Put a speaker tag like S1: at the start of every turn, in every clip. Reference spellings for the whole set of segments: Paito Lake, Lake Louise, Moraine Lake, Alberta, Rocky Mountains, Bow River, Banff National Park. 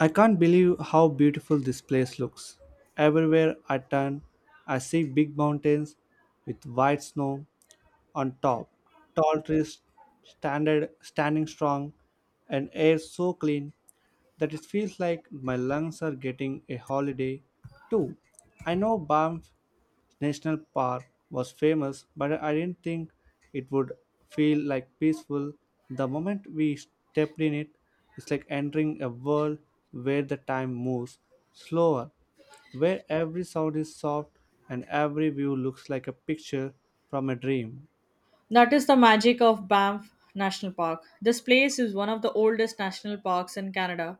S1: I can't believe how beautiful this place looks. Everywhere I turn, I see big mountains with white snow on top, tall trees standing strong, and air so clean that it feels like my lungs are getting a holiday too. I know Banff National Park was famous, but I didn't think it would feel like peaceful. The moment we stepped in it, it's like entering a world where the time moves slower, where every sound is soft and every view looks like a picture from a dream.
S2: That is the magic of Banff National Park. This place is one of the oldest national parks in Canada,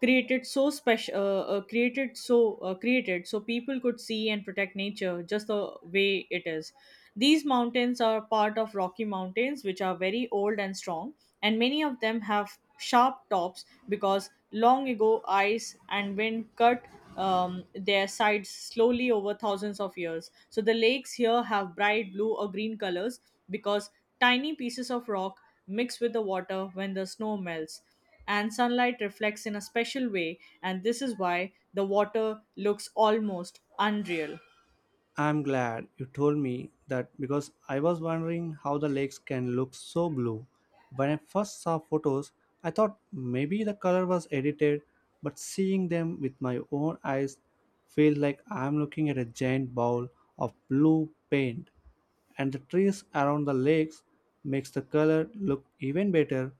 S2: created so special, created so people could see and protect nature just the way it is. These mountains are part of Rocky Mountains, which are very old and strong, and many of them have sharp tops because long ago ice and wind cut their sides slowly over thousands of years. So the lakes here have bright blue or green colors because tiny pieces of rock mix with the water when the snow melts, and sunlight reflects in a special way, and this is why the water looks almost unreal.
S1: I'm glad you told me that because I was wondering how the lakes can look so blue. When I first saw photos, I thought maybe the color was edited, but seeing them with my own eyes feels like I'm looking at a giant bowl of blue paint. And the trees around the lakes makes the color look even better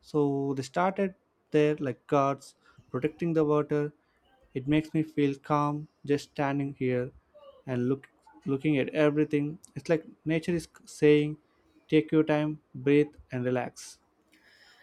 S1: so they started there like guards protecting the water. It makes me feel calm just standing here and looking at everything. It's like nature is saying, take your time, breathe and relax.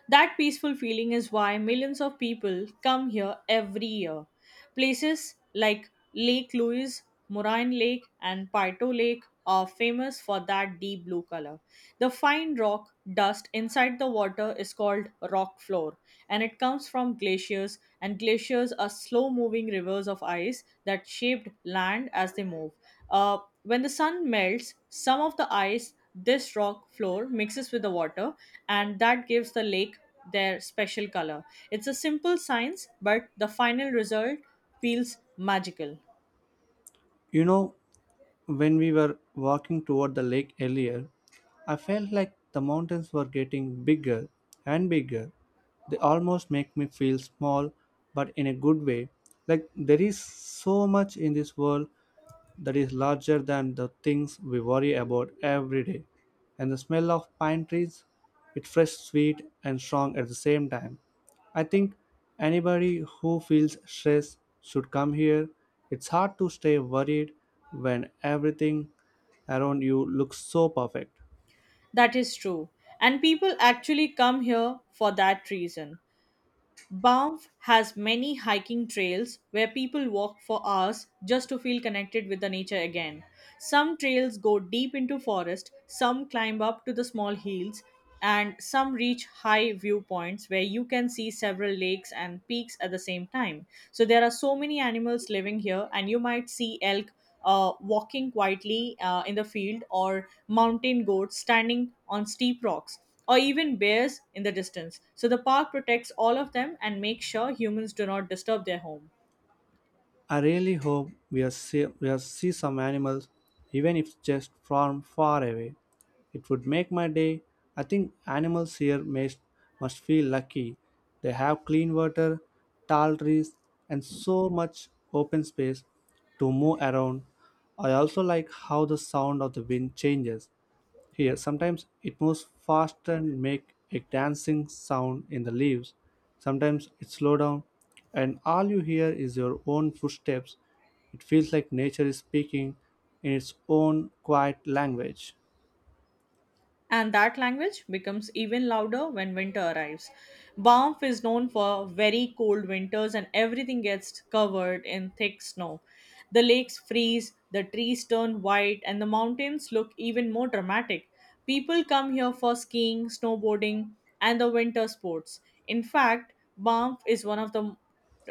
S2: That peaceful feeling is why millions of people come here every year. Places like Lake Louise, Moraine Lake, and Paito Lake are famous for that deep blue color. The fine rock dust inside the water is called rock floor, and it comes from glaciers, and glaciers are slow moving rivers of ice that shaped land as they move. When the sun melts, some of the ice this rock floor mixes with the water, and that gives the lake their special color. It's a simple science, but the final result feels magical.
S1: You know, when we were walking toward the lake earlier, I felt like the mountains were getting bigger and bigger. They almost make me feel small, but in a good way. Like there is so much in this world that is larger than the things we worry about every day. And the smell of pine trees, it's fresh, sweet, and strong at the same time. I think anybody who feels stress should come here. It's hard to stay worried when everything around you looks so perfect.
S2: That is true. And people actually come here for that reason. Banff has many hiking trails where people walk for hours just to feel connected with the nature again. Some trails go deep into forest, some climb up to the small hills, and some reach high viewpoints where you can see several lakes and peaks at the same time. So there are so many animals living here, and you might see elk walking quietly in the field, or mountain goats standing on steep rocks, or even bears in the distance. So the park protects all of them and makes sure humans do not disturb their home.
S1: I really hope we'll see some animals, even if just from far away. It would make my day. I think animals must feel lucky. They have clean water, tall trees, and so much open space to move around. I also like how the sound of the wind changes here, sometimes it moves fast and make a dancing sound in the leaves. Sometimes it slow down, and all you hear is your own footsteps. It feels like nature is speaking in its own quiet language.
S2: And that language becomes even louder when winter arrives. Banff is known for very cold winters, and everything gets covered in thick snow. The lakes freeze, the trees turn white, and the mountains look even more dramatic. People come here for skiing, snowboarding, and the winter sports. In fact, Banff is one of the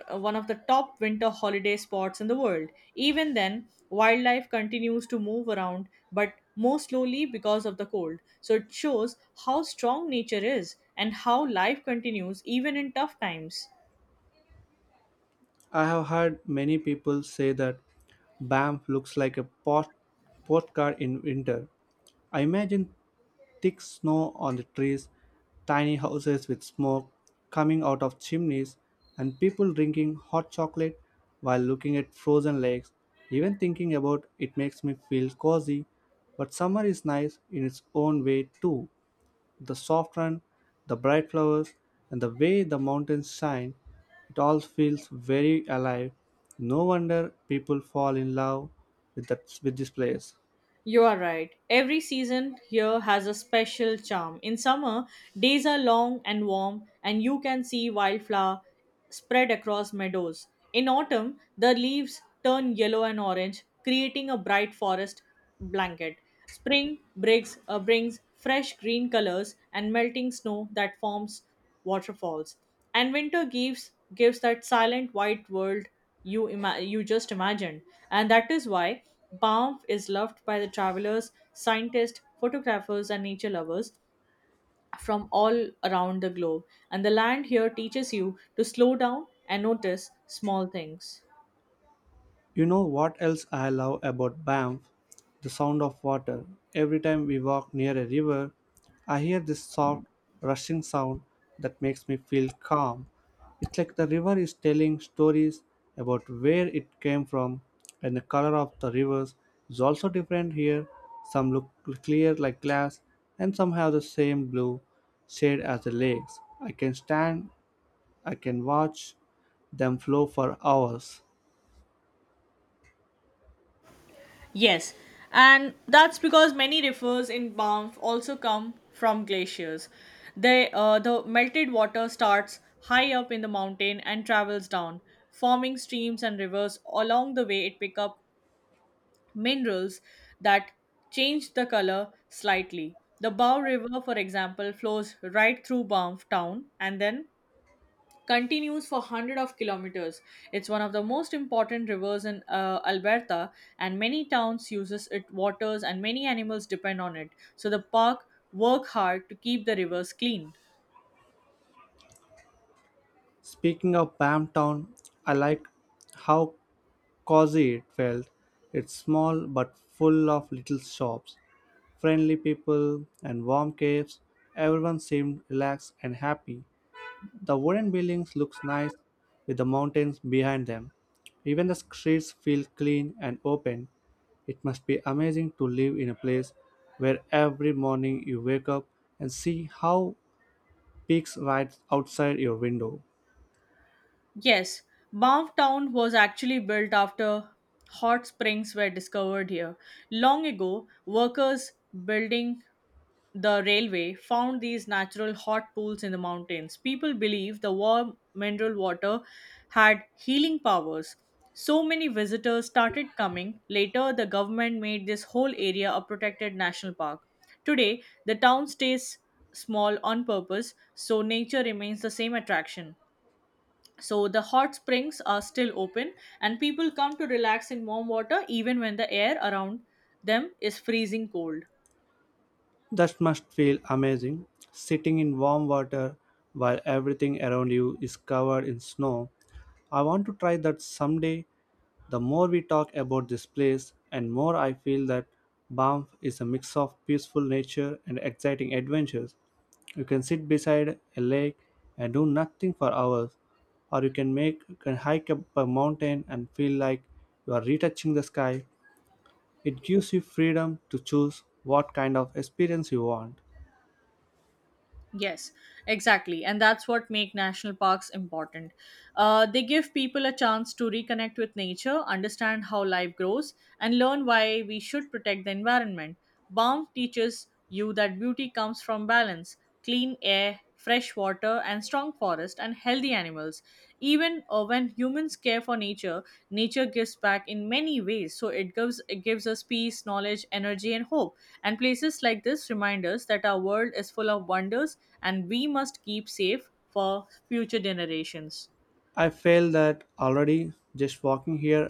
S2: uh, one of the top winter holiday spots in the world. Even then, wildlife continues to move around, but more slowly because of the cold. So it shows how strong nature is and how life continues even in tough times.
S1: I have heard many people say that Banff looks like a postcard in winter. I imagine thick snow on the trees, tiny houses with smoke coming out of chimneys, and people drinking hot chocolate while looking at frozen lakes. Even thinking about it makes me feel cozy, but summer is nice in its own way too. The soft run, the bright flowers, and the way the mountains shine, it all feels very alive. No wonder people fall in love with this place.
S2: You are right. Every season here has a special charm. In summer, days are long and warm, and you can see wildflower spread across meadows. In autumn, the leaves turn yellow and orange, creating a bright forest blanket. Spring brings fresh green colors and melting snow that forms waterfalls, and winter gives that silent white world you just imagined, and that is why banff is loved by the travelers, scientists, photographers, and nature lovers from all around the globe, and the land here teaches you to slow down and notice small things.
S1: You know what else I love about Banff? The sound of water. Every time we walk near a river, I hear this soft, rushing sound that makes me feel calm. It's like the river is telling stories about where it came from, and the color of the rivers is also different here. Some look clear like glass, and some have the same blue shade as the lakes. I can watch them flow for hours.
S2: Yes, and that's because many rivers in Banff also come from glaciers. The melted water starts high up in the mountain and travels down, forming streams and rivers. Along the way, it pick up minerals that change the color slightly. The Bow River, for example, flows right through Banff town and then continues for hundreds of kilometers. It's one of the most important rivers in Alberta, and many towns uses it waters, and many animals depend on it. So the park work hard to keep the rivers clean.
S1: Speaking of Bamptown, I liked how cozy it felt. It's small but full of little shops, friendly people, and warm caves. Everyone seemed relaxed and happy. The wooden buildings look nice with the mountains behind them. Even the streets feel clean and open. It must be amazing to live in a place where every morning you wake up and see how peaks right outside your window.
S2: Yes, Banff Town was actually built after hot springs were discovered here. Long ago, workers building the railway found these natural hot pools in the mountains. People believe the warm mineral water had healing powers. So many visitors started coming. Later, the government made this whole area a protected national park. Today, the town stays small on purpose, so nature remains the same attraction. So, the hot springs are still open, and people come to relax in warm water even when the air around them is freezing cold.
S1: That must feel amazing, sitting in warm water while everything around you is covered in snow. I want to try that someday. The more we talk about this place, and more I feel that Banff is a mix of peaceful nature and exciting adventures. You can sit beside a lake and do nothing for hours, or you can hike up a mountain and feel like you are retouching the sky. It gives you freedom to choose what kind of experience you want.
S2: Yes, exactly. And that's what make national parks important. They give people a chance to reconnect with nature, understand how life grows, and learn why we should protect the environment. Baum teaches you that beauty comes from balance, clean air, fresh water and strong forest and healthy animals, even when humans care for nature, nature gives back in many ways, so it gives us peace, knowledge, energy, and hope, and places like this remind us that our world is full of wonders and we must keep safe for future generations.
S1: I feel that already just walking here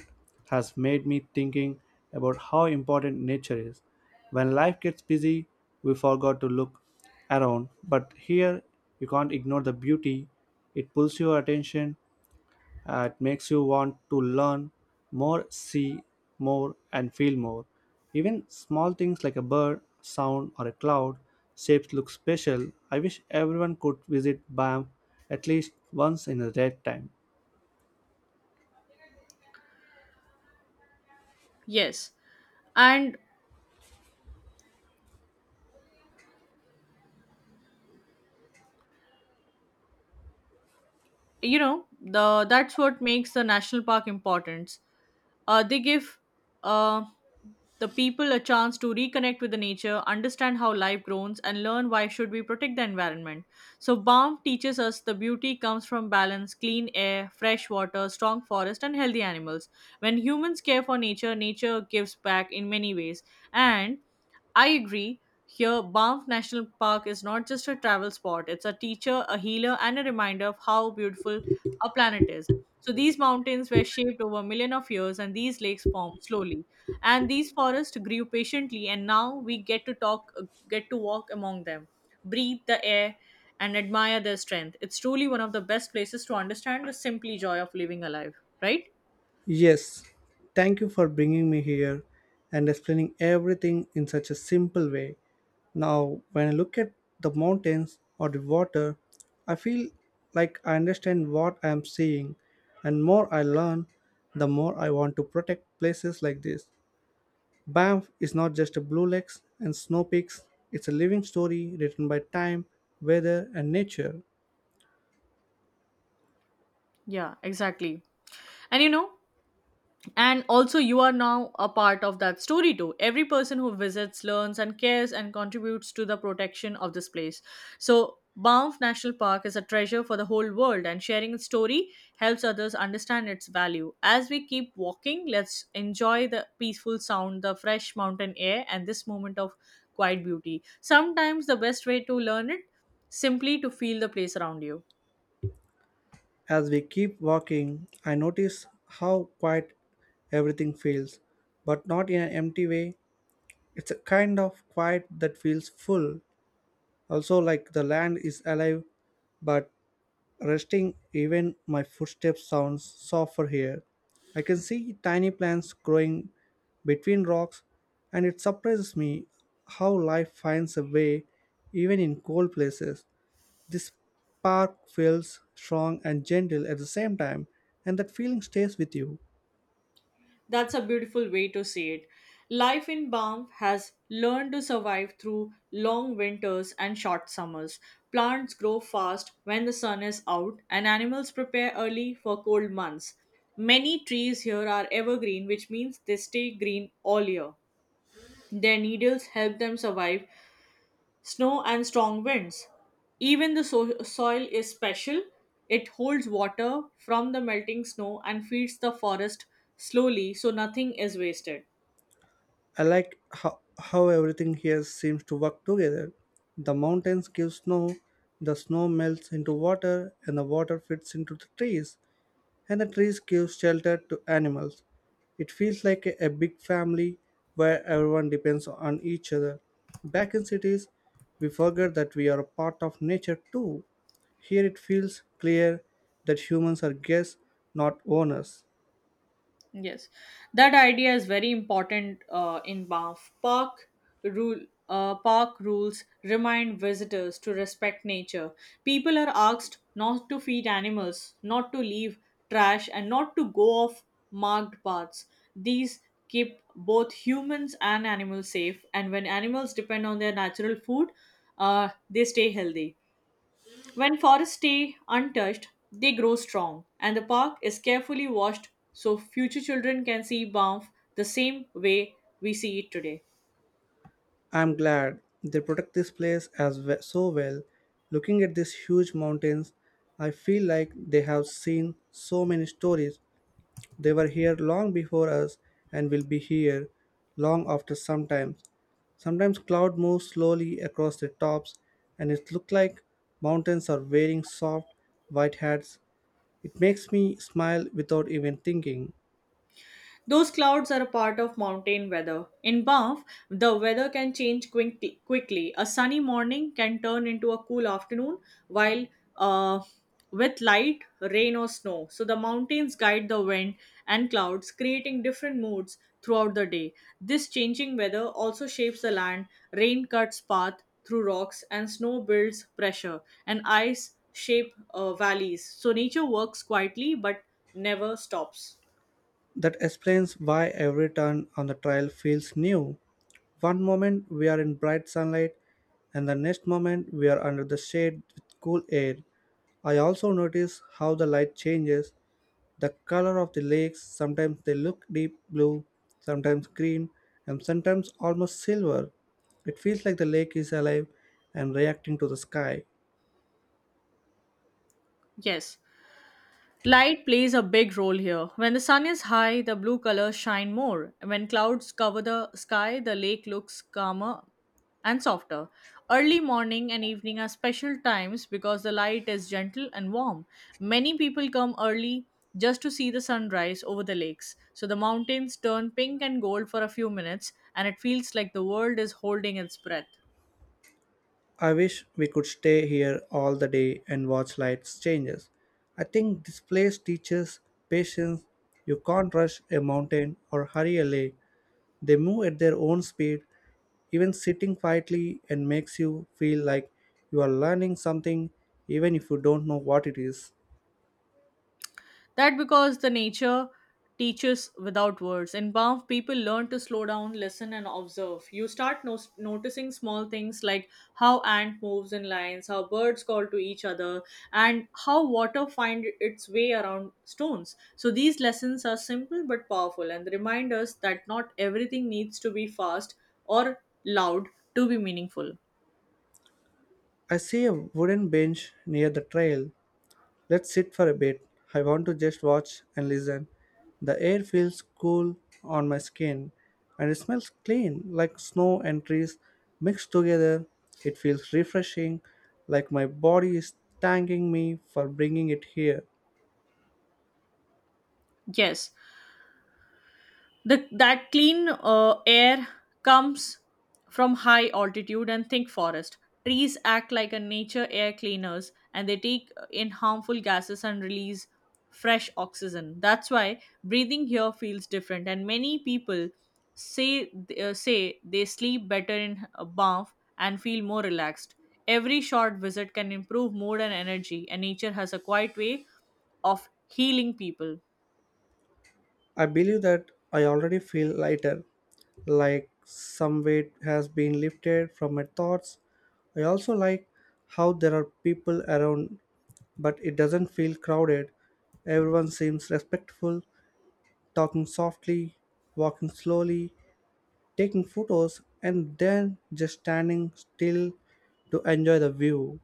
S1: has made me thinking about how important nature is. When life gets busy, we forgot to look around, but here you can't ignore the beauty. It pulls your attention, it makes you want to learn more, see more, and feel more. Even small things like a bird, sound, or a cloud shapes look special. I wish everyone could visit BAM at least once in their lifetime.
S2: Yes, and you know, the that's what makes the national park important. Uh, they give uh, the people a chance to reconnect with the nature, understand how life grows, and learn why should we protect the environment. So balm teaches us the beauty comes from balance, clean air, fresh water, strong forest, and healthy animals. When humans care for nature, nature gives back in many ways. And I agree. Here, Banff National Park is not just a travel spot, it's a teacher, a healer, and a reminder of how beautiful our planet is. So these mountains were shaped over a million of years and these lakes formed slowly. And these forests grew patiently, and now we get to walk among them, breathe the air, and admire their strength. It's truly one of the best places to understand the simply joy of living alive, right?
S1: Yes, thank you for bringing me here and explaining everything in such a simple way. Now, when I look at the mountains or the water, I feel like I understand what I am seeing, and more I learn, the more I want to protect places like this. Banff is not just a blue lakes and snow peaks, it's a living story written by time, weather, and nature.
S2: Yeah, exactly. And you know, and also you are now a part of that story too. Every person who visits learns and cares and contributes to the protection of this place, so banff national park is a treasure for the whole world, and sharing its story helps others understand its value. As we keep walking, let's enjoy the peaceful sound, the fresh mountain air, and this moment of quiet beauty. Sometimes the best way to learn it simply to feel the place around you.
S1: As we keep walking, I notice how quiet everything feels, but not in an empty way. It's a kind of quiet that feels full, also like the land is alive, but resting even my footsteps sounds softer here. I can see tiny plants growing between rocks, and it surprises me how life finds a way even in cold places. This spark feels strong and gentle at the same time, and that feeling stays with you.
S2: That's a beautiful way to see it. Life in Banff has learned to survive through long winters and short summers. Plants grow fast when the sun is out, and animals prepare early for cold months. Many trees here are evergreen, which means they stay green all year. Their needles help them survive snow, and strong winds. Even the soil is special. It holds water from the melting snow and feeds the forest slowly, so nothing is wasted.
S1: I like how everything here seems to work together. The mountains give snow, the snow melts into water, and the water fits into the trees. And the trees give shelter to animals. It feels like a big family where everyone depends on each other. Back in cities, we forget that we are a part of nature too. Here it feels clear that humans are guests, not owners.
S2: Yes, that idea is very important in Banff. Rule. Park rules remind visitors to respect nature. People are asked not to feed animals, not to leave trash, and not to go off marked paths. These keep both humans and animals safe, and when animals depend on their natural food, they stay healthy. When forests stay untouched, they grow strong, and the park is carefully washed so future children can see Banff the same way we see it today.
S1: I'm glad they protect this place so well. Looking at these huge mountains, I feel like they have seen so many stories. They were here long before us and will be here long after sometimes. Sometimes cloud moves slowly across their tops and it looks like mountains are wearing soft white hats. It makes me smile without even thinking.
S2: Those clouds are a part of mountain weather. In Banff, the weather can change quickly. A sunny morning can turn into a cool afternoon, while uh, with light rain or snow. So the mountains guide the wind and clouds, creating different moods throughout the day. This changing weather also shapes the land. Rain cuts path through rocks, and snow builds pressure, and ice shape valleys. So nature works quietly but never stops.
S1: That explains why every turn on the trail feels new. One moment we are in bright sunlight, and the next moment we are under the shade with cool air. I also notice how the light changes. The color of the lakes sometimes they look deep blue, sometimes green, and sometimes almost silver. It feels like the lake is alive and reacting to the sky.
S2: Yes. Light plays a big role here. When the sun is high, the blue colors shine more. When clouds cover the sky, the lake looks calmer and softer. Early morning and evening are special times because the light is gentle and warm. Many people come early just to see the sunrise over the lakes. So the mountains turn pink and gold for a few minutes, and it feels like the world is holding its breath.
S1: I wish we could stay here all the day and watch lights changes. I think this place teaches patience. You can't rush a mountain or hurry a lake. They move at their own speed, even sitting quietly and makes you feel like you are learning something even if you don't know what it is.
S2: That because the nature teaches without words. In Banff, people learn to slow down, listen, and observe. You start noticing small things like how ant moves in lines, how birds call to each other, and how water find its way around stones. So these lessons are simple but powerful, and they remind us that not everything needs to be fast or loud to be meaningful.
S1: I see a wooden bench near the trail. Let's sit for a bit. I want to just watch and listen. The air feels cool on my skin and it smells clean like snow and trees mixed together. It feels refreshing, like my body is thanking me for bringing it here.
S2: Yes, that clean air comes from high altitude and thick forest. Trees act like a nature air cleaners, and they take in harmful gases and release fresh oxygen. That's why breathing here feels different, and many people say say they sleep better in a bath and feel more relaxed. Every short visit can improve mood and energy, and nature has a quiet way of healing people.
S1: I believe that I already feel lighter, like some weight has been lifted from my thoughts. I also like how there are people around but it doesn't feel crowded. Everyone seems respectful, talking softly, walking slowly, taking photos, and then just standing still to enjoy the view.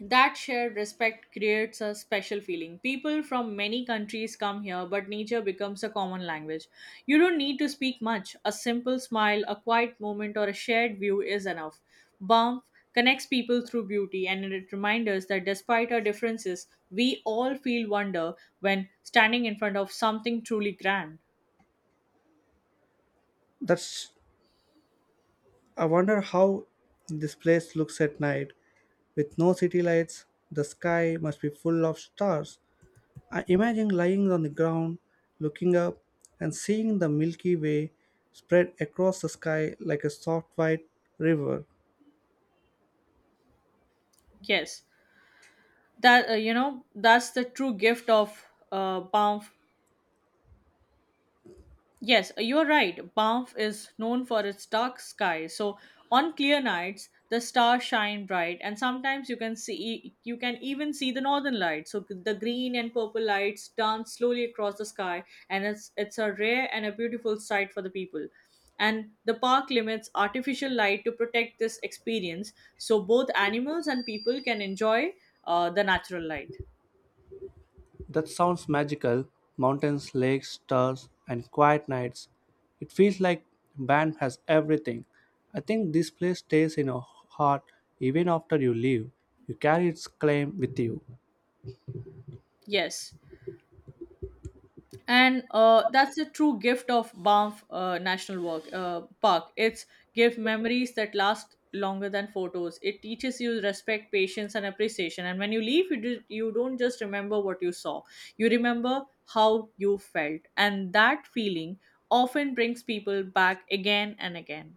S2: That shared respect creates a special feeling. People from many countries come here, but nature becomes a common language. You don't need to speak much. A simple smile, a quiet moment, or a shared view is enough. Banff connects people through beauty, and it reminds us that despite our differences, we all feel wonder when standing in front of something truly grand.
S1: That's I wonder how this place looks at night. With no city lights, the sky must be full of stars. I imagine lying on the ground, looking up, and seeing the Milky Way spread across the sky like a soft white river.
S2: Yes, that that's the true gift of Banff. Yes, you're right. Banff is known for its dark sky. So on clear nights, the stars shine bright, and sometimes you can even see the northern lights. So the green and purple lights dance slowly across the sky, and it's a rare and a beautiful sight for the people. And the park limits artificial light to protect this experience, so both animals and people can enjoy the natural light.
S1: That sounds magical mountains, lakes, stars, and quiet nights. It feels like Banff has everything. I think this place stays in your heart even after you leave. You carry its claim with you.
S2: Yes. and That's the true gift of Banff National Walk, Park. It's give memories that last longer than photos. It teaches you respect, patience, and appreciation. And when you leave, you don't just remember what you saw. You remember how you felt, and that feeling often brings people back again and again.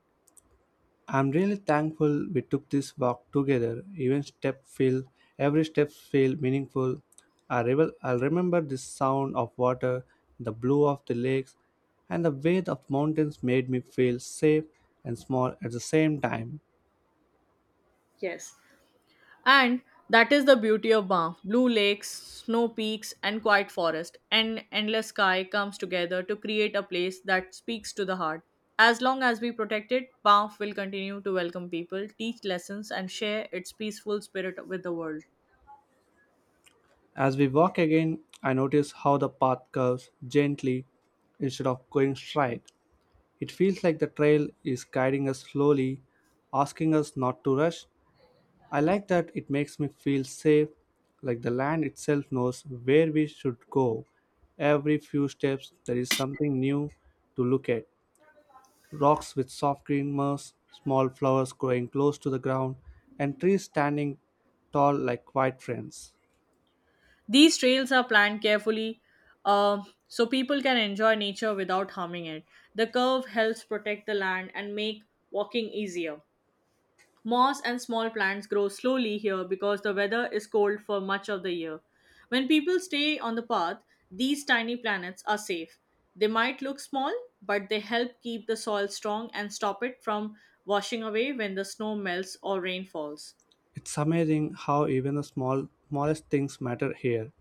S1: I'm really thankful we took this walk together. Even step feel Every step feel meaningful. I'll remember the sound of water, the blue of the lakes, and the way the mountains made me feel safe and small at the same time.
S2: Yes. And that is the beauty of Banff. Blue lakes, snow peaks, and quiet forest, and endless sky comes together to create a place that speaks to the heart. As long as we protect it, Banff will continue to welcome people, teach lessons, and share its peaceful spirit with the world.
S1: As we walk again, I notice how the path curves gently instead of going straight. It feels like the trail is guiding us slowly, asking us not to rush. I like that it makes me feel safe, like the land itself knows where we should go. Every few steps, there is something new to look at rocks with soft green moss, small flowers growing close to the ground, and trees standing tall like quiet friends.
S2: These trails are planned carefully, so people can enjoy nature without harming it. The curve helps protect the land and make walking easier. Moss and small plants grow slowly here because the weather is cold for much of the year. When people stay on the path, these tiny planets are safe. They might look small, but they help keep the soil strong and stop it from washing away when the snow melts or rain falls.
S1: It's amazing how even the smallest things matter here.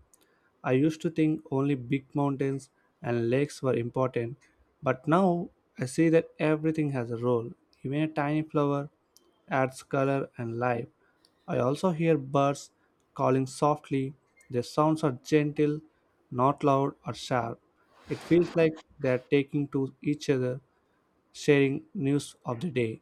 S1: I used to think only big mountains and lakes were important, but now I see that everything has a role. Even a tiny flower adds color and life. I also hear birds calling softly. Their sounds are gentle, not loud or sharp. It feels like they are taking to each other, sharing news of the day.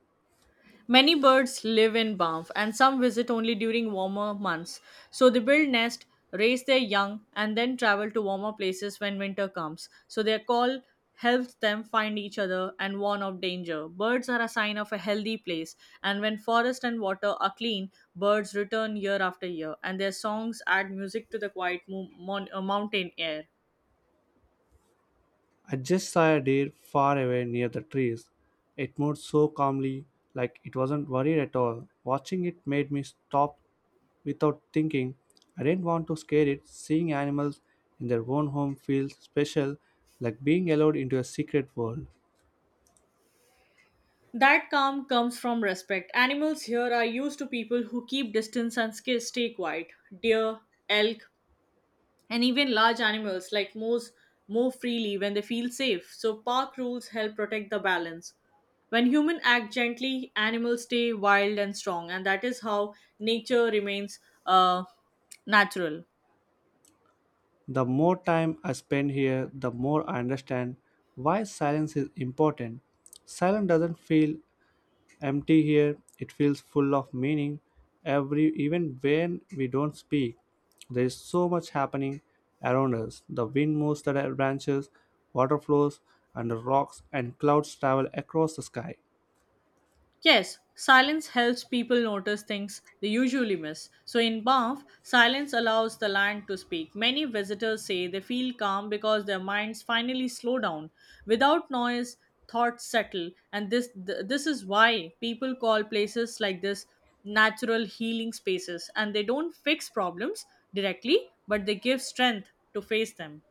S2: Many birds live in Banff, and some visit only during warmer months. So they build nest, raise their young, and then travel to warmer places when winter comes. So their call helps them find each other and warn of danger. Birds are a sign of a healthy place, and when forest and water are clean, birds return year after year, and their songs add music to the quiet mountain air.
S1: I just saw a deer far away near the trees. It moved so calmly, like it wasn't worried at all. Watching it made me stop without thinking. I didn't want to scare it. Seeing animals in their own home feels special, like being allowed into a secret world.
S2: That calm comes from respect. Animals here are used to people who keep distance and stay quiet. Deer, elk, and even large animals like moose move freely when they feel safe. So park rules help protect the balance. When humans act gently, animals stay wild and strong, and that is how nature remains uh, natural.
S1: The more time I spend here, the more I understand why silence is important. Silence doesn't feel empty here, it feels full of meaning. Every even when we don't speak, there is so much happening around us. The wind moves the branches, water flows under rocks, and clouds travel across the sky.
S2: Yes, silence helps people notice things they usually miss. So in Banff, silence allows the land to speak. Many visitors say they feel calm because their minds finally slow down. Without noise, thoughts settle, and this is why people call places like this natural healing spaces. And they don't fix problems directly, but they give strength to face them.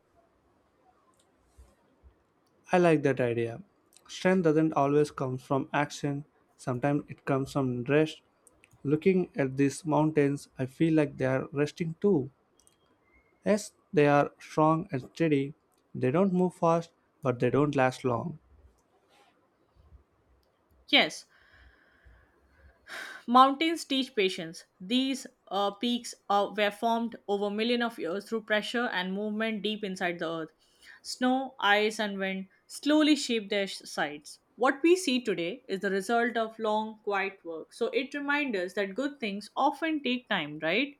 S1: I like that idea. Strength doesn't always come from action, sometimes it comes from rest. Looking at these mountains, I feel like they are resting too. Yes, they are strong and steady. They don't move fast, but they don't last long.
S2: Yes, mountains teach patience. These peaks were formed over millions of years through pressure and movement deep inside the earth. Snow, ice, and wind slowly shaped their sides. What we see today is the result of long, quiet work. So it reminds us that good things often take time, right?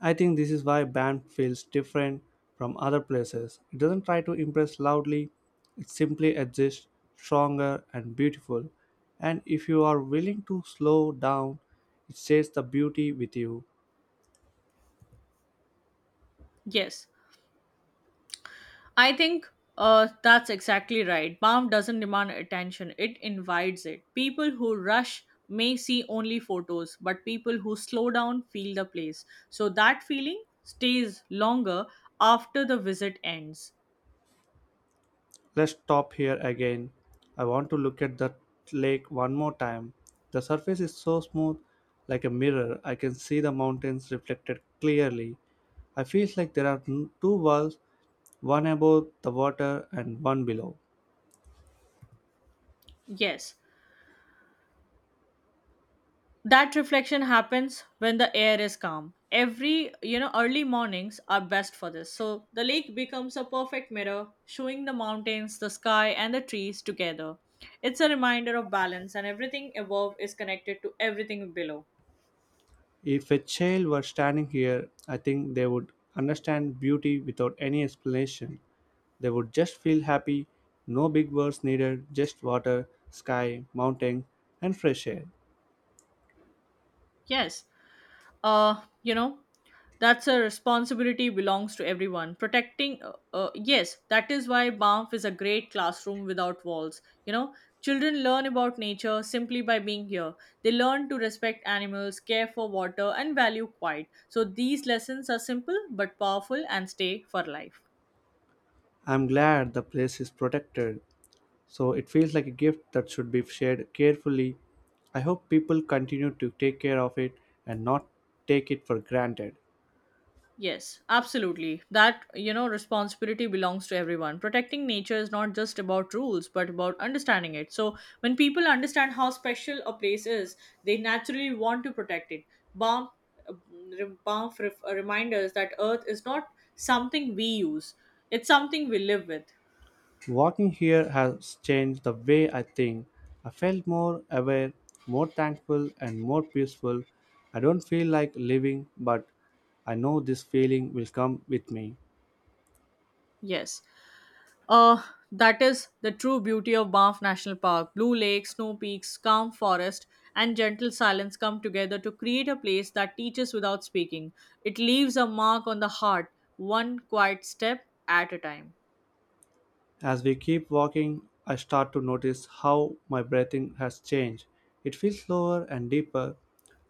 S1: I think this is why band feels different from other places. It doesn't try to impress loudly, it simply exists stronger and beautiful. And if you are willing to slow down, it shares the beauty with you.
S2: Yes. I think that's exactly right. Balm doesn't demand attention, it invites it. People who rush may see only photos, but people who slow down feel the place. So that feeling stays longer after the visit ends.
S1: Let's stop here again. I want to look at the lake one more time. The surface is so smooth, like a mirror. I can see the mountains reflected clearly. I feel like there are two worlds, one above the water and one below.
S2: Yes, that reflection happens when the air is calm. Every early mornings are best for this, so the lake becomes a perfect mirror, showing the mountains, the sky, and the trees together. It's a reminder of balance, and everything above is connected to everything below.
S1: If a child were standing here, I think they would understand beauty without any explanation. They would just feel happy, no big words needed, just water, sky, mountain, and fresh air.
S2: Yes, uh you know that's a responsibility belongs to everyone. Protecting yes, that is why Banff is a great classroom without walls. Children learn about nature simply by being here. They learn to respect animals, care for water, and value quiet. So these lessons are simple but powerful and stay for life.
S1: I'm glad the place is protected, so it feels like a gift that should be shared carefully. I hope people continue to take care of it and not take it for granted.
S2: Yes, absolutely. That, you know, responsibility belongs to everyone. Protecting nature is not just about rules, but about understanding it. So, when people understand how special a place is, they naturally want to protect it. Bomb, bomb reminders that Earth is not something we use, it's something we live with.
S1: Walking here has changed the way I think. I felt more aware, more thankful, and more peaceful. I don't feel like living, but I know this feeling will come with me.
S2: Yes. Uh, that is the true beauty of Banff National Park. Blue lakes, snow peaks, calm forest, and gentle silence come together to create a place that teaches without speaking. It leaves a mark on the heart, one quiet step at a time.
S1: As we keep walking, I start to notice how my breathing has changed. It feels slower and deeper.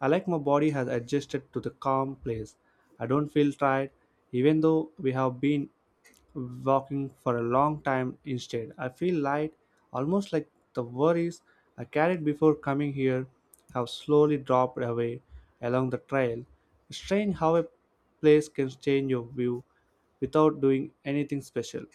S1: I like my body has adjusted to the calm place. I don't feel tired, even though we have been walking for a long time instead. I feel light, almost like the worries I carried before coming here have slowly dropped away along the trail. It's strange how a place can change your view without doing anything special.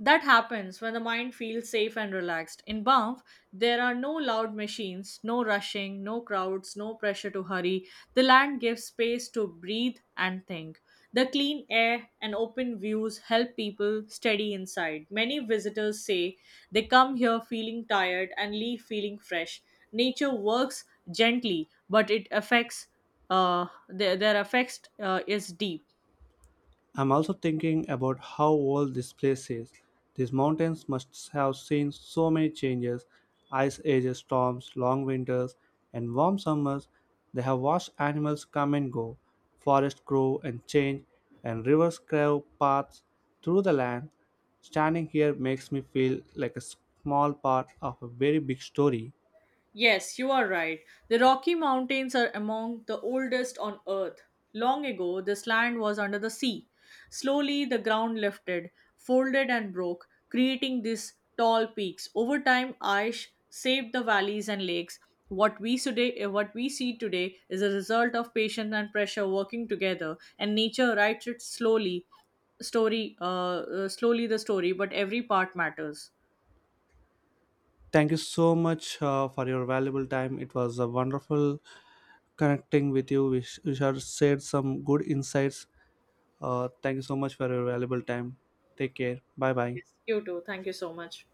S2: That happens when the mind feels safe and relaxed. In Banff, there are no loud machines, no rushing, no crowds, no pressure to hurry. The land gives space to breathe and think. The clean air and open views help people steady inside. Many visitors say they come here feeling tired and leave feeling fresh. Nature works gently, but it affects their effects is deep.
S1: I'm also thinking about how old this place is. These mountains must have seen so many changes ice ages, storms, long winters, and warm summers. They have watched animals come and go, forests grow and change, and rivers carve paths through the land. Standing here makes me feel like a small part of a very big story.
S2: Yes, you are right. The Rocky Mountains are among the oldest on Earth. Long ago, this land was under the sea. Slowly, the ground lifted, folded, and broke, creating these tall peaks. Over time, ice shaped the valleys and lakes. What we see today is a result of patience and pressure working together, and nature writes it slowly, slowly the story, but every part matters.
S1: Thank you so much for your valuable time. It was a wonderful connecting with you. We have shared some good insights. Thank you so much for your valuable time. Take care. Bye bye.
S2: Yes, you too. Thank you so much.